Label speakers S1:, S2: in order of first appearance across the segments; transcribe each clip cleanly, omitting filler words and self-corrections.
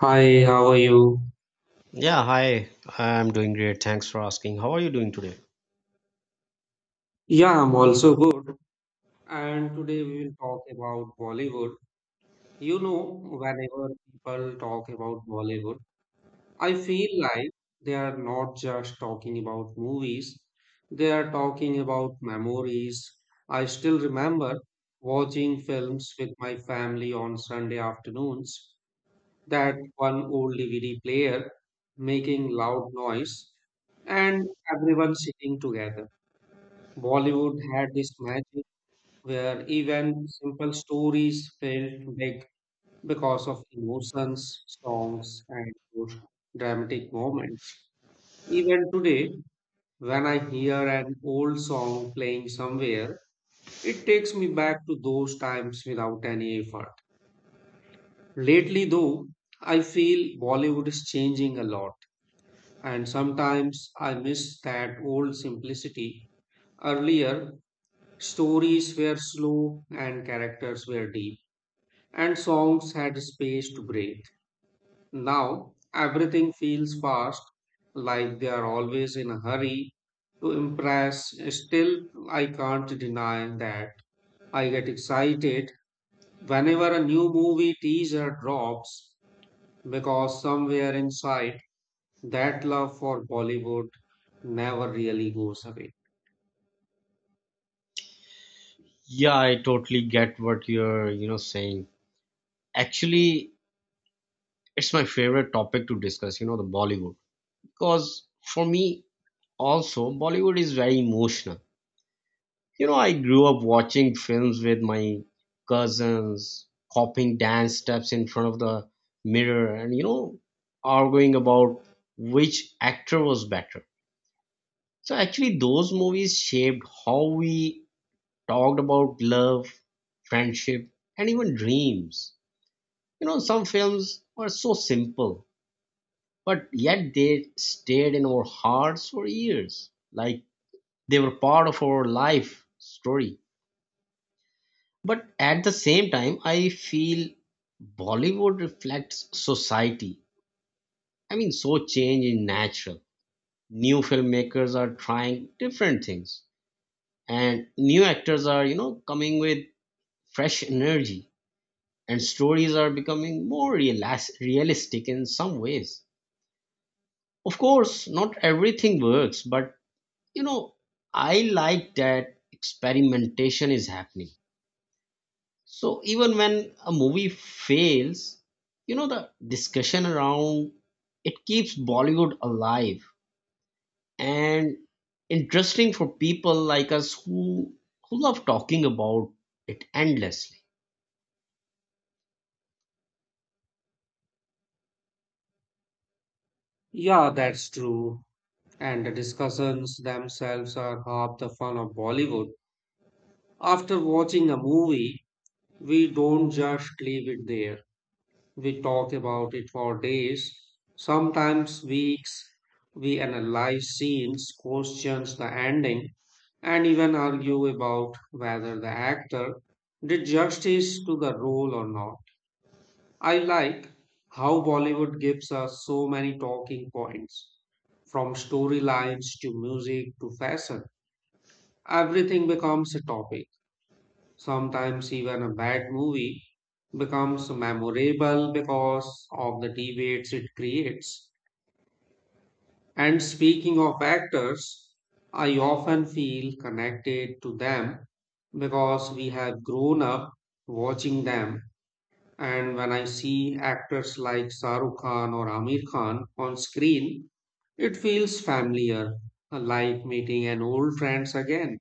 S1: Hi, how are you?
S2: Yeah, hi. I'm doing great. Thanks for asking. How are you doing today?
S1: Yeah, I'm also good. And today we will talk about Bollywood. You know, whenever people talk about Bollywood, I feel like they are not just talking about movies, they are talking about memories. I still remember watching films with my family on Sunday afternoons, that one old DVD player making loud noise, and everyone sitting together. Bollywood had this magic where even simple stories felt big because of emotions, songs, and those dramatic moments. Even today, when I hear an old song playing somewhere, it takes me back to those times without any effort. Lately, though, I feel Bollywood is changing a lot, and sometimes I miss that old simplicity. Earlier, stories were slow and characters were deep, and songs had space to breathe. Now, everything feels fast, like they are always in a hurry to impress. Still, I can't deny that I get excited whenever a new movie teaser drops because somewhere inside, that love for Bollywood never really goes away.
S2: Yeah, I totally get what you're, saying. Actually, it's my favorite topic to discuss, the Bollywood. Because for me also, Bollywood is very emotional. I grew up watching films with my cousins, copying dance steps in front of the mirror and, arguing about which actor was better. So actually, those movies shaped how we talked about love, friendship, and even dreams. Some films were so simple, but yet they stayed in our hearts for years. Like they were part of our life story. But at the same time, I feel Bollywood reflects society. I mean, so change in natural. New filmmakers are trying different things, and new actors are, coming with fresh energy and stories are becoming realistic in some ways. Of course, not everything works, but you know, I like that experimentation is happening. So even when a movie fails, the discussion around it keeps Bollywood alive and interesting for people like us who love talking about it endlessly.
S1: Yeah, that's true, and the discussions themselves are half the fun of Bollywood. After watching a movie, we don't just leave it there. We talk about it for days, sometimes weeks. We analyze scenes, questions the ending, and even argue about whether the actor did justice to the role or not. I like how Bollywood gives us so many talking points, from storylines to music to fashion. Everything becomes a topic. Sometimes even a bad movie becomes memorable because of the debates it creates. And speaking of actors, I often feel connected to them because we have grown up watching them. And when I see actors like Shah Rukh Khan or Amir Khan on screen, it feels familiar, like meeting an old friends again,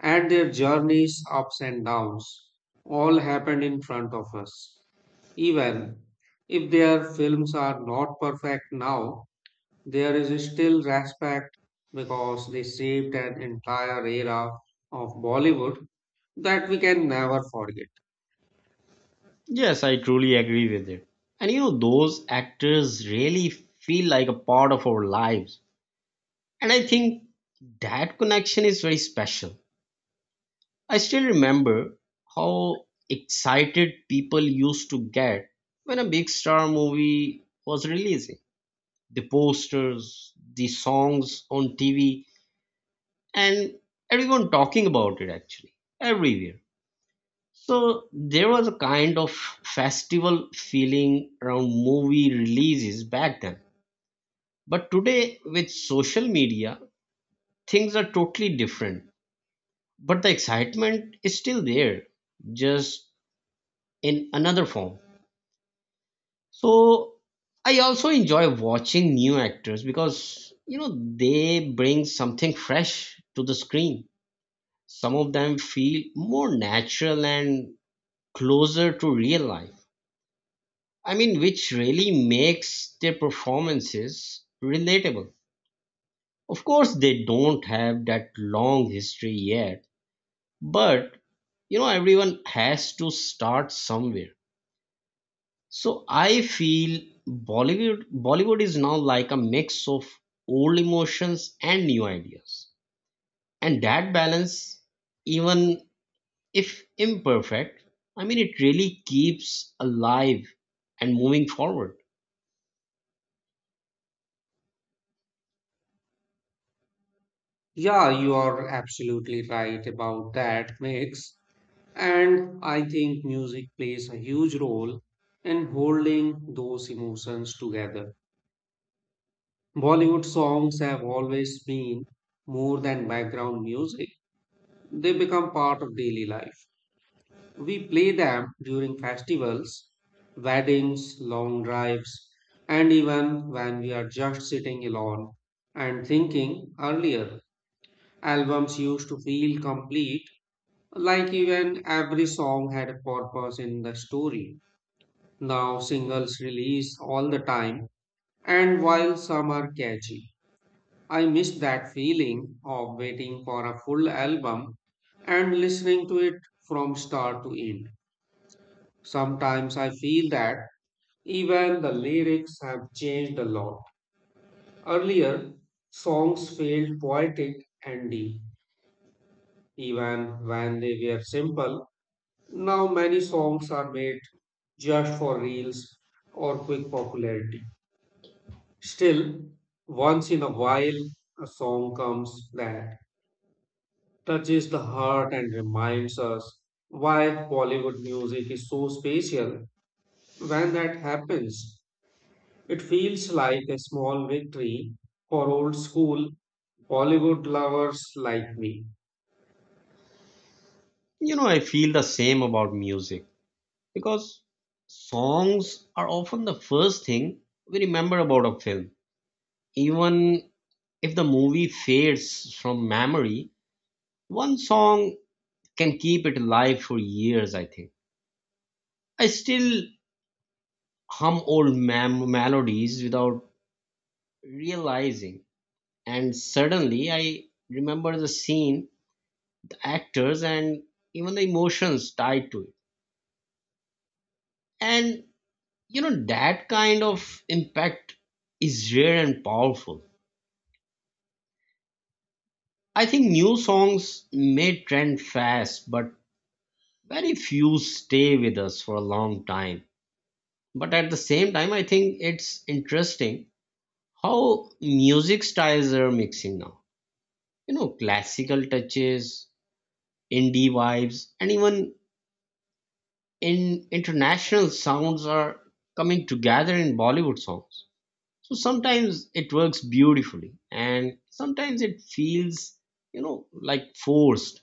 S1: and their journeys, ups and downs, all happened in front of us. Even if their films are not perfect now, there is still respect because they shaped an entire era of Bollywood that we can never forget.
S2: Yes, I truly agree with it. And those actors really feel like a part of our lives. And I think that connection is very special. I still remember how excited people used to get when a big star movie was releasing. The posters, the songs on TV, and everyone talking about it actually, everywhere. So there was a kind of festival feeling around movie releases back then. But today, with social media, things are totally different. But the excitement is still there, just in another form. So I also enjoy watching new actors because, they bring something fresh to the screen. Some of them feel more natural and closer to real life. I mean, which really makes their performances relatable. Of course, they don't have that long history yet, but everyone has to start somewhere. So I feel Bollywood is now like a mix of old emotions and new ideas. And that balance, even if imperfect, I mean, it really keeps alive and moving forward.
S1: Yeah, you are absolutely right about that mix. And I think music plays a huge role in holding those emotions together. Bollywood songs have always been more than background music. They become part of daily life. We play them during festivals, weddings, long drives, and even when we are just sitting alone and thinking. Earlier, albums used to feel complete, like even every song had a purpose in the story. Now singles release all the time, and while some are catchy, I miss that feeling of waiting for a full album and listening to it from start to end. Sometimes I feel that even the lyrics have changed a lot. Earlier, songs felt poetic and deep, even when they were simple. Now, many songs are made just for reels or quick popularity. Still, once in a while, a song comes that touches the heart and reminds us why Bollywood music is so special. When that happens, it feels like a small victory for old school Bollywood lovers like me.
S2: I feel the same about music, because songs are often the first thing we remember about a film. Even if the movie fades from memory, one song can keep it alive for years, I think. I still hum melodies without realizing, and suddenly I remember the scene, the actors, and even the emotions tied to it. And that kind of impact is rare and powerful. I think new songs may trend fast, but very few stay with us for a long time. But at the same time, I think it's interesting how music styles are mixing now. Classical touches, indie vibes, and even in international sounds are coming together in Bollywood songs. So sometimes it works beautifully, and sometimes it feels, like forced,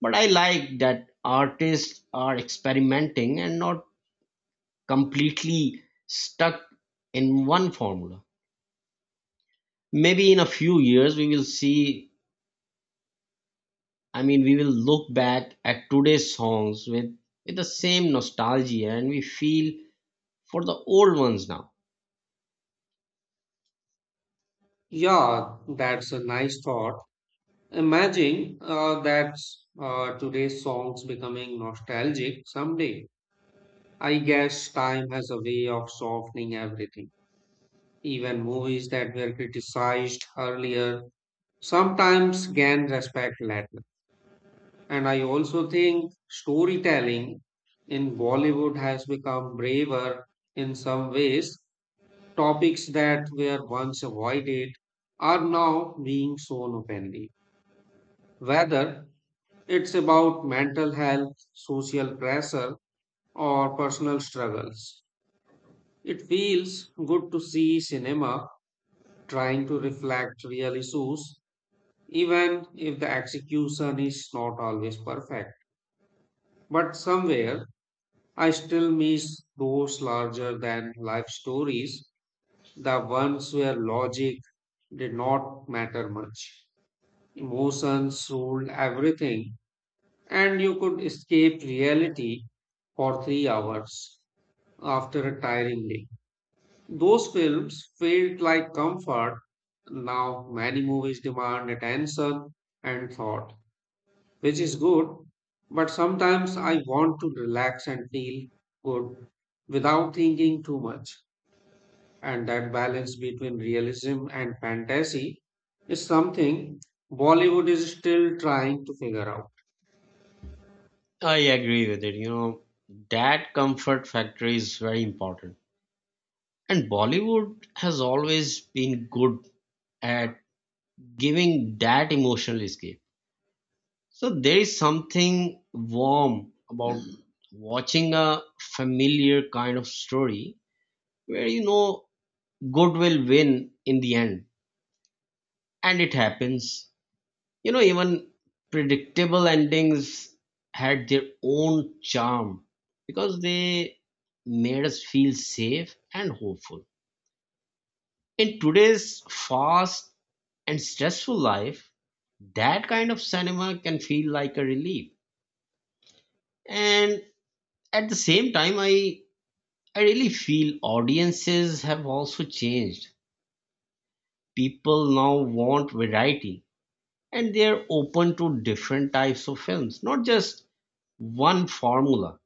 S2: but I like that artists are experimenting and not completely stuck in one formula. Maybe in a few years we will see, I mean we will look back at today's songs with the same nostalgia and we feel for the old ones now.
S1: Yeah, that's a nice thought. Imagine that today's songs becoming nostalgic someday. I guess time has a way of softening everything. Even movies that were criticized earlier sometimes can respect latter. And I also think storytelling in Bollywood has become braver in some ways. Topics that were once avoided are now being shown openly, whether it's about mental health, social pressure, or personal struggles. It feels good to see cinema trying to reflect real issues, even if the execution is not always perfect. But somewhere I still miss those larger than life stories, the ones where logic did not matter much. Emotions ruled everything, and you could escape reality for 3 hours after a tiring day. Those films felt like comfort. Now, many movies demand attention and thought, which is good, but sometimes I want to relax and feel good without thinking too much. And that balance between realism and fantasy is something Bollywood is still trying to figure out.
S2: I agree with it. That comfort factor is very important, and Bollywood has always been good at giving that emotional escape. So there is something warm about watching a familiar kind of story where you know good will win in the end and it happens. Even predictable endings had their own charm because they made us feel safe and hopeful. In today's fast and stressful life, that kind of cinema can feel like a relief. And at the same time I really feel audiences have also changed. People now want variety and they're open to different types of films, not just one formula.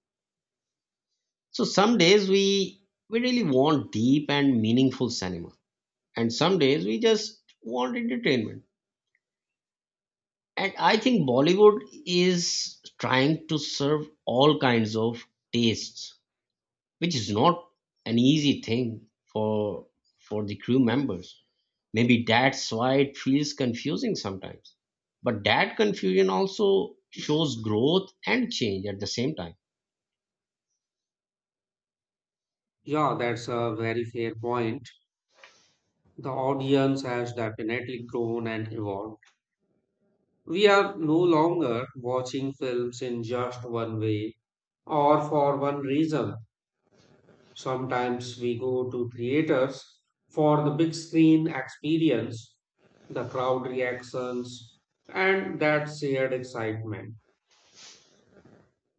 S2: So some days we really want deep and meaningful cinema, and some days we just want entertainment. And I think Bollywood is trying to serve all kinds of tastes, which is not an easy thing for the crew members. Maybe that's why it feels confusing sometimes. But that confusion also shows growth and change at the same time.
S1: Yeah, that's a very fair point. The audience has definitely grown and evolved. We are no longer watching films in just one way or for one reason. Sometimes we go to theaters for the big screen experience, the crowd reactions, and that shared excitement.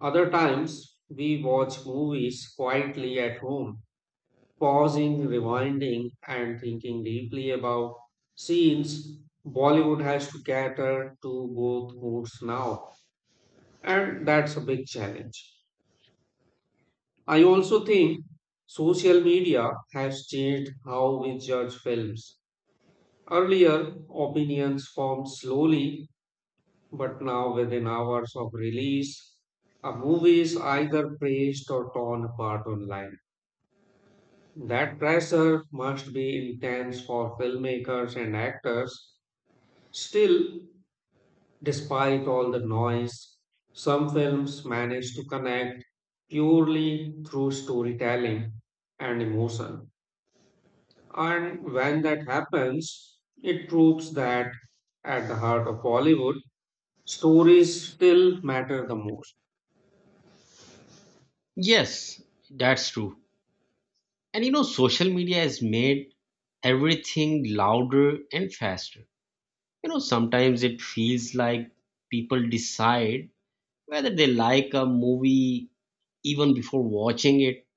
S1: Other times we watch movies quietly at home, pausing, rewinding, and thinking deeply about scenes. Bollywood has to cater to both moods now, and that's a big challenge. I also think social media has changed how we judge films. Earlier, opinions formed slowly, but now within hours of release, a movie is either praised or torn apart online. That pressure must be intense for filmmakers and actors. Still, despite all the noise, some films manage to connect purely through storytelling and emotion. And when that happens, it proves that at the heart of Bollywood, stories still matter the most.
S2: Yes, that's true. And social media has made everything louder and faster. Sometimes it feels like people decide whether they like a movie even before watching it,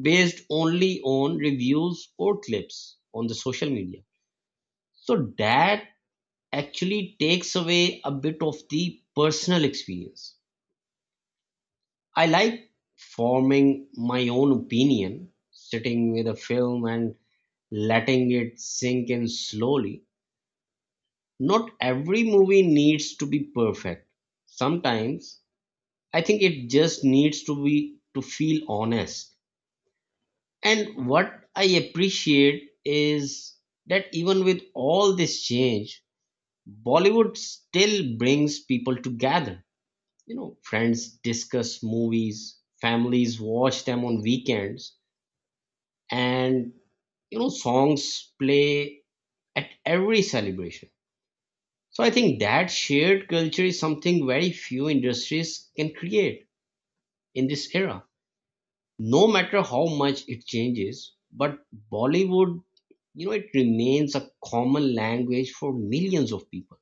S2: based only on reviews or clips on the social media. So that actually takes away a bit of the personal experience. I like forming my own opinion, sitting with a film and letting it sink in slowly. Not every movie needs to be perfect. Sometimes I think it just needs to be to feel honest. And what I appreciate is that even with all this change, Bollywood still brings people together. Friends discuss movies, families watch them on weekends, and songs play at every celebration. So I think that shared culture is something very few industries can create in this era. No matter how much it changes, but Bollywood, it remains a common language for millions of people,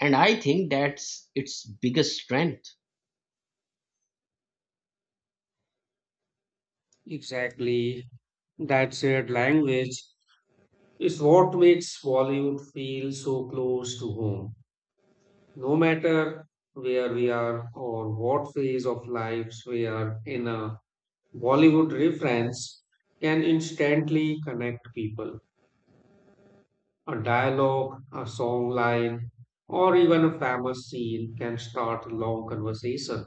S2: and I think that's its biggest strength.
S1: Exactly. That shared language is what makes Bollywood feel so close to home. No matter where we are or what phase of lives we are in, a Bollywood reference can instantly connect people. A dialogue, a song line, or even a famous scene can start a long conversation.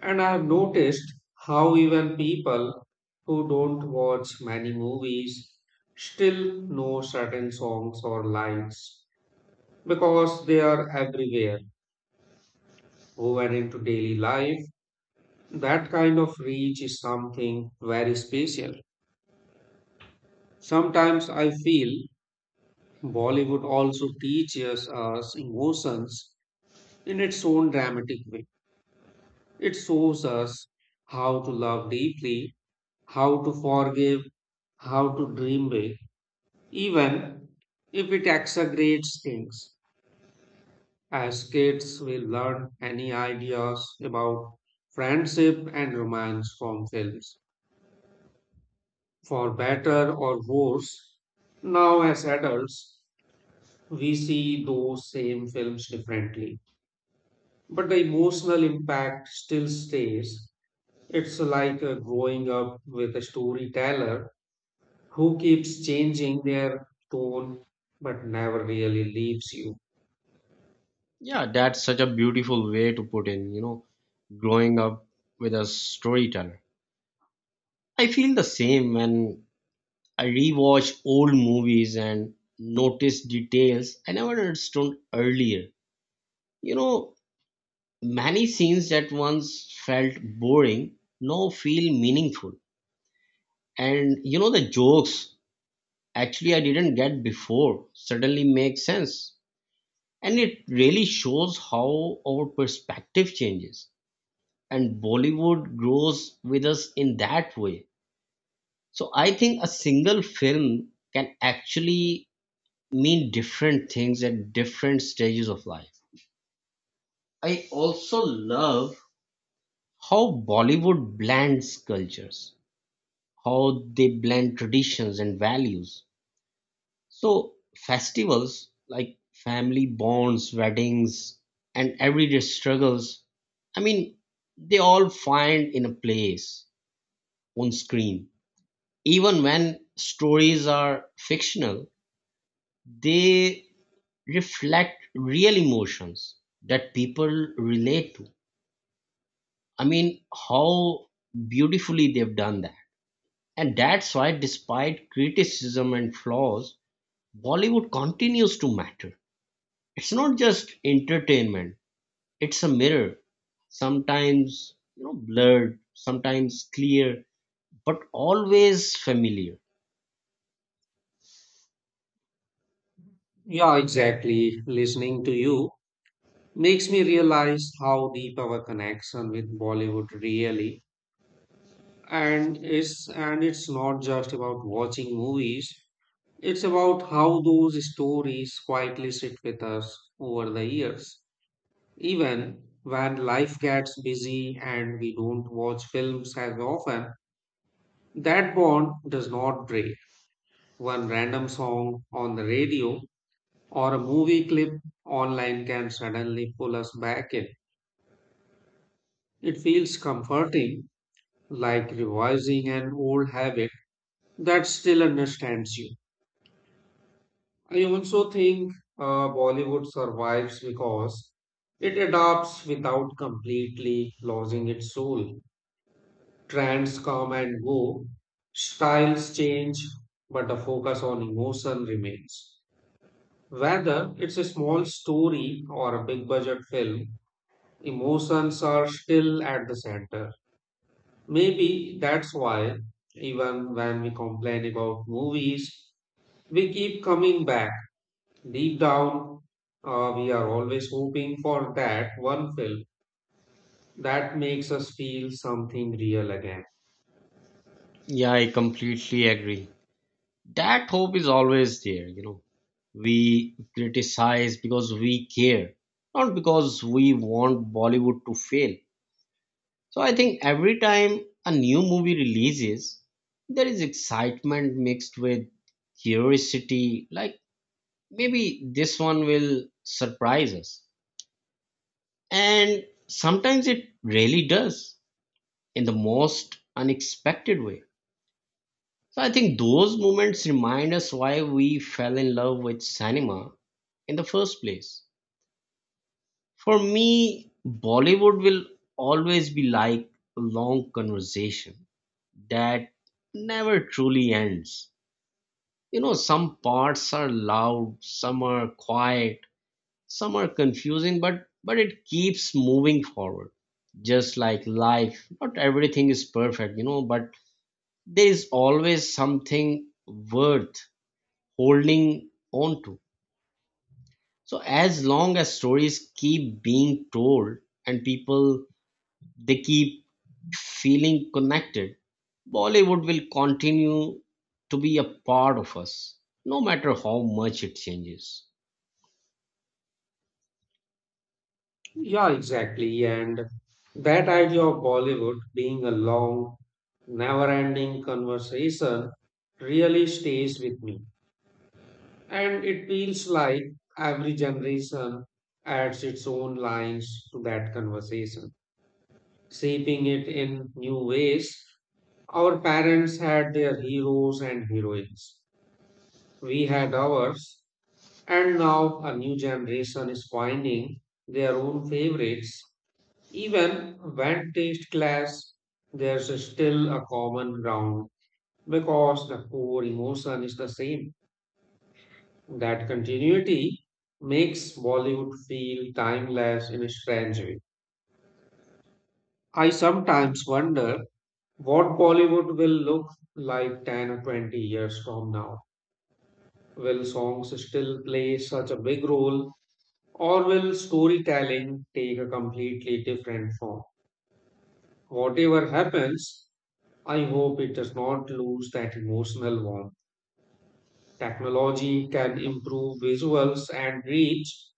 S1: And I've noticed how even people who don't watch many movies still know certain songs or lines because they are everywhere woven into daily life. That kind of reach is something very special. Sometimes I feel Bollywood also teaches us emotions in its own dramatic way. It shows us how to love deeply, how to forgive, how to dream big, even if it exaggerates things, as kids will learn any ideas about friendship and romance from films. For better or worse, now as adults, we see those same films differently. But the emotional impact still stays. It's like growing up with a storyteller who keeps changing their tone but never really leaves you.
S2: Yeah, that's such a beautiful way to put in, growing up with a storyteller. I feel the same when I rewatch old movies and notice details I never understood earlier. You know, many scenes that once felt boring now feel meaningful. And the jokes actually I didn't get before suddenly make sense. And it really shows how our perspective changes and Bollywood grows with us in that way. So I think a single film can actually mean different things at different stages of life. I also love how Bollywood blends cultures, how they blend traditions and values. So festivals like family bonds, weddings, and everyday struggles, I mean, they all find in a place on screen. Even when stories are fictional, they reflect real emotions that people relate to. I mean, how beautifully they've done that. And that's why, despite criticism and flaws, Bollywood continues to matter. It's not just entertainment, it's a mirror. Sometimes, blurred, sometimes clear, but always familiar.
S1: Yeah, exactly. Listening to you makes me realize how deep our connection with Bollywood really. And it's not just about watching movies, it's about how those stories quietly sit with us over the years. Even when life gets busy and we don't watch films as often, that bond does not break. One random song on the radio or a movie clip online can suddenly pull us back in. It feels comforting, like revising an old habit that still understands you. I also think Bollywood survives because it adapts without completely losing its soul. Trends come and go, styles change, but the focus on emotion remains. Whether it's a small story or a big budget film, emotions are still at the center. Maybe that's why, even when we complain about movies, we keep coming back. Deep down, we are always hoping for that one film that makes us feel something real again.
S2: Yeah, I completely agree. That hope is always there. We criticize because we care, not because we want Bollywood to fail. So I think every time a new movie releases, there is excitement mixed with curiosity, like maybe this one will surprise us, and sometimes it really does in the most unexpected way. So I think those moments remind us why we fell in love with cinema in the first place. For me, Bollywood will always be like a long conversation that never truly ends. Some parts are loud, some are quiet, some are confusing, but it keeps moving forward. Just like life, not everything is perfect, but there is always something worth holding on to. So as long as stories keep being told and people they keep feeling connected, Bollywood will continue to be a part of us, no matter how much it changes.
S1: Yeah, exactly. And that idea of Bollywood being a long, never ending conversation really stays with me. And it feels like every generation adds its own lines to that conversation, shaping it in new ways. Our parents had their heroes and heroines. We had ours, and now a new generation is finding their own favorites. Even when taste clash, there's still a common ground because the core emotion is the same. That continuity makes Bollywood feel timeless in a strange way. I sometimes wonder what Bollywood will look like 10 or 20 years from now. Will songs still play such a big role, or will storytelling take a completely different form? Whatever happens, I hope it does not lose that emotional warmth. Technology can improve visuals and reach,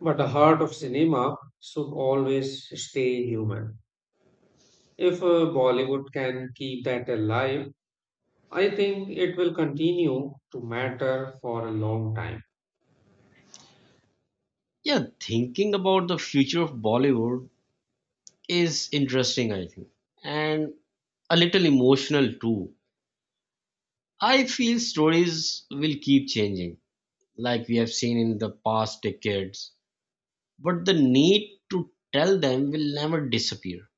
S1: but the heart of cinema should always stay human. If Bollywood can keep that alive, I think it will continue to matter for a long time.
S2: Yeah, thinking about the future of Bollywood is interesting, I think, and a little emotional too. I feel stories will keep changing, like we have seen in the past decades, but the need to tell them will never disappear.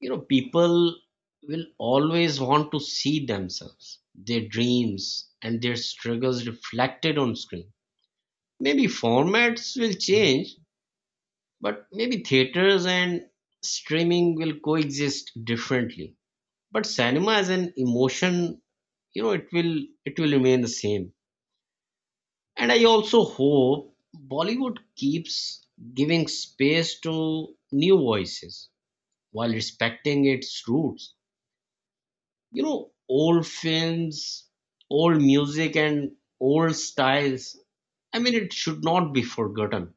S2: People will always want to see themselves, their dreams, and their struggles reflected on screen. Maybe formats will change, but maybe theaters and streaming will coexist differently. But cinema as an emotion, it will remain the same. And I also hope Bollywood keeps giving space to new voices while respecting its roots. Old films, old music, and old styles, I mean, it should not be forgotten.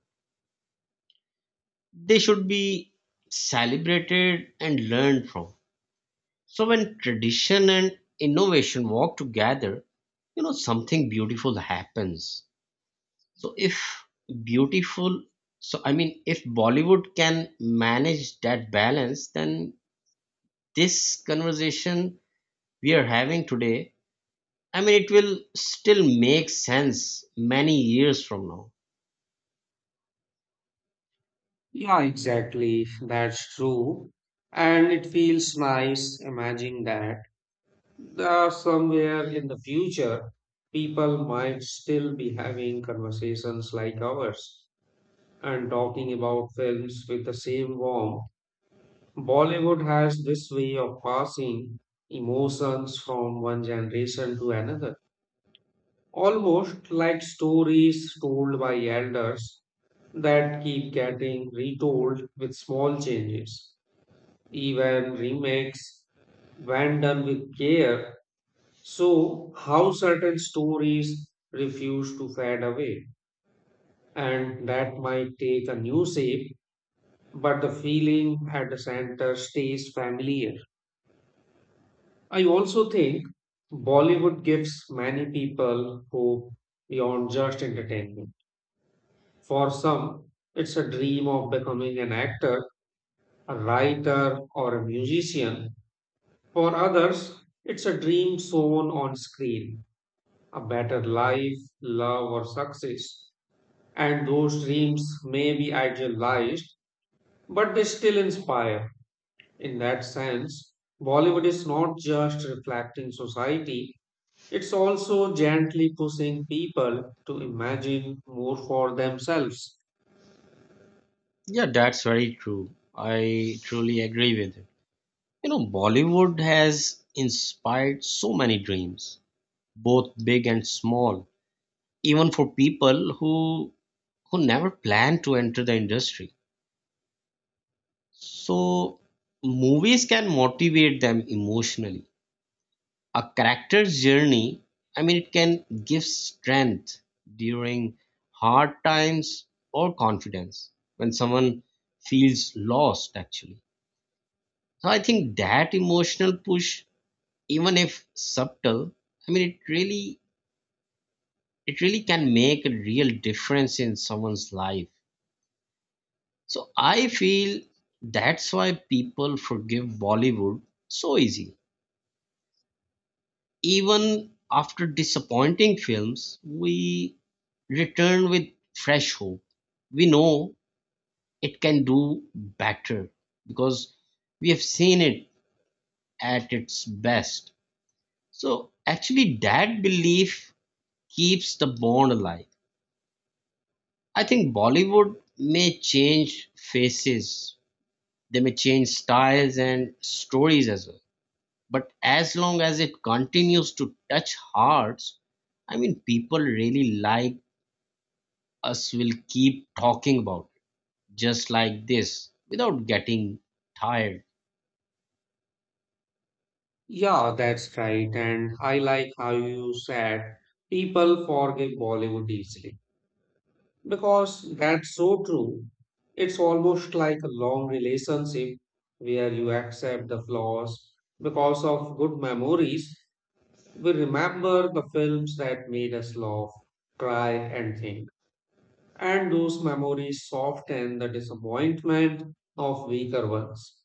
S2: They should be celebrated and learned from. So, when tradition and innovation walk together, something beautiful happens. So, if beautiful, so I mean, if Bollywood can manage that balance, then this conversation we are having today, I mean, it will still make sense many years from now.
S1: Yeah, exactly. That's true. And it feels nice imagining that somewhere in the future, people might still be having conversations like ours and talking about films with the same warmth. Bollywood has this way of passing emotions from one generation to another, almost like stories told by elders that keep getting retold with small changes, even remakes when done with care, so how certain stories refuse to fade away. And that might take a new shape, but the feeling at the center stays familiar. I also think Bollywood gives many people hope beyond just entertainment. For some, it's a dream of becoming an actor, a writer, or a musician. For others, it's a dream shown on screen, a better life, love, or success. And those dreams may be idealized, but they still inspire. In that sense, Bollywood is not just reflecting society, it's also gently pushing people to imagine more for themselves.
S2: Yeah, that's very true. I truly agree with you. Bollywood has inspired so many dreams, both big and small, even for people who never planned to enter the industry. So, movies can motivate them emotionally. A character's journey, I mean it can give strength during hard times or confidence when someone feels lost actually. So I think that emotional push, even if subtle, I mean it really, can make a real difference in someone's life. So I feel that's why people forgive Bollywood so easy. Even after disappointing films, we return with fresh hope. We know it can do better because we have seen it at its best. So, actually, that belief keeps the bond alive. I think Bollywood may change faces, they may change styles and stories as well. But as long as it continues to touch hearts, I mean, people really like us will keep talking about it, just like this, without getting tired.
S1: Yeah, that's right. And I like how you said people forgive Bollywood easily because that's so true. It's almost like a long relationship where you accept the flaws because of good memories. We remember the films that made us laugh, cry, and think. And those memories soften the disappointment of weaker ones.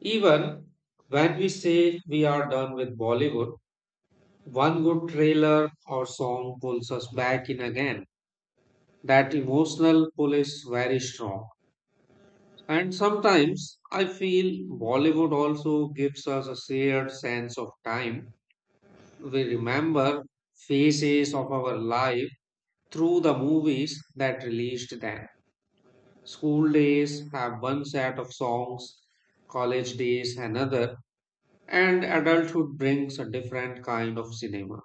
S1: Even when we say we are done with Bollywood, one good trailer or song pulls us back in again. That emotional pull is very strong. And sometimes I feel Bollywood also gives us a shared sense of time. We remember phases of our life through the movies that released them. School days have one set of songs, college days another, and adulthood brings a different kind of cinema.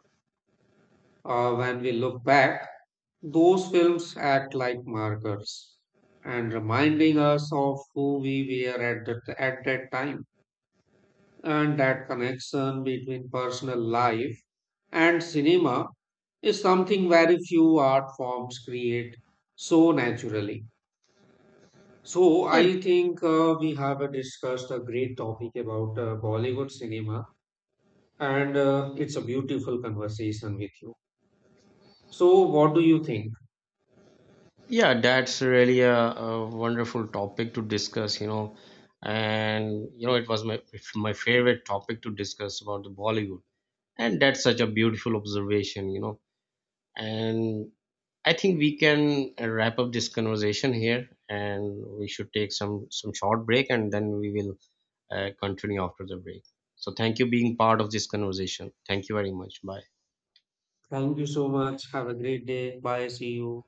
S1: When we look back, those films act like markers and reminding us of who we were at that time. And that connection between personal life and cinema is something very few art forms create so naturally. So,
S2: Yeah,
S1: I think we have discussed a great topic about Bollywood cinema, and it's a beautiful conversation with you. So, what do you think?
S2: yeah, that's really a wonderful topic to discuss, And it was my favorite topic to discuss about the Bollywood. And that's such a beautiful observation, And I think we can wrap up this conversation here, and we should take some short break, and then we will continue after the break. So thank you being part of this conversation. Thank you very much. Bye.
S1: Thank you so much. Have a great day. Bye. See you.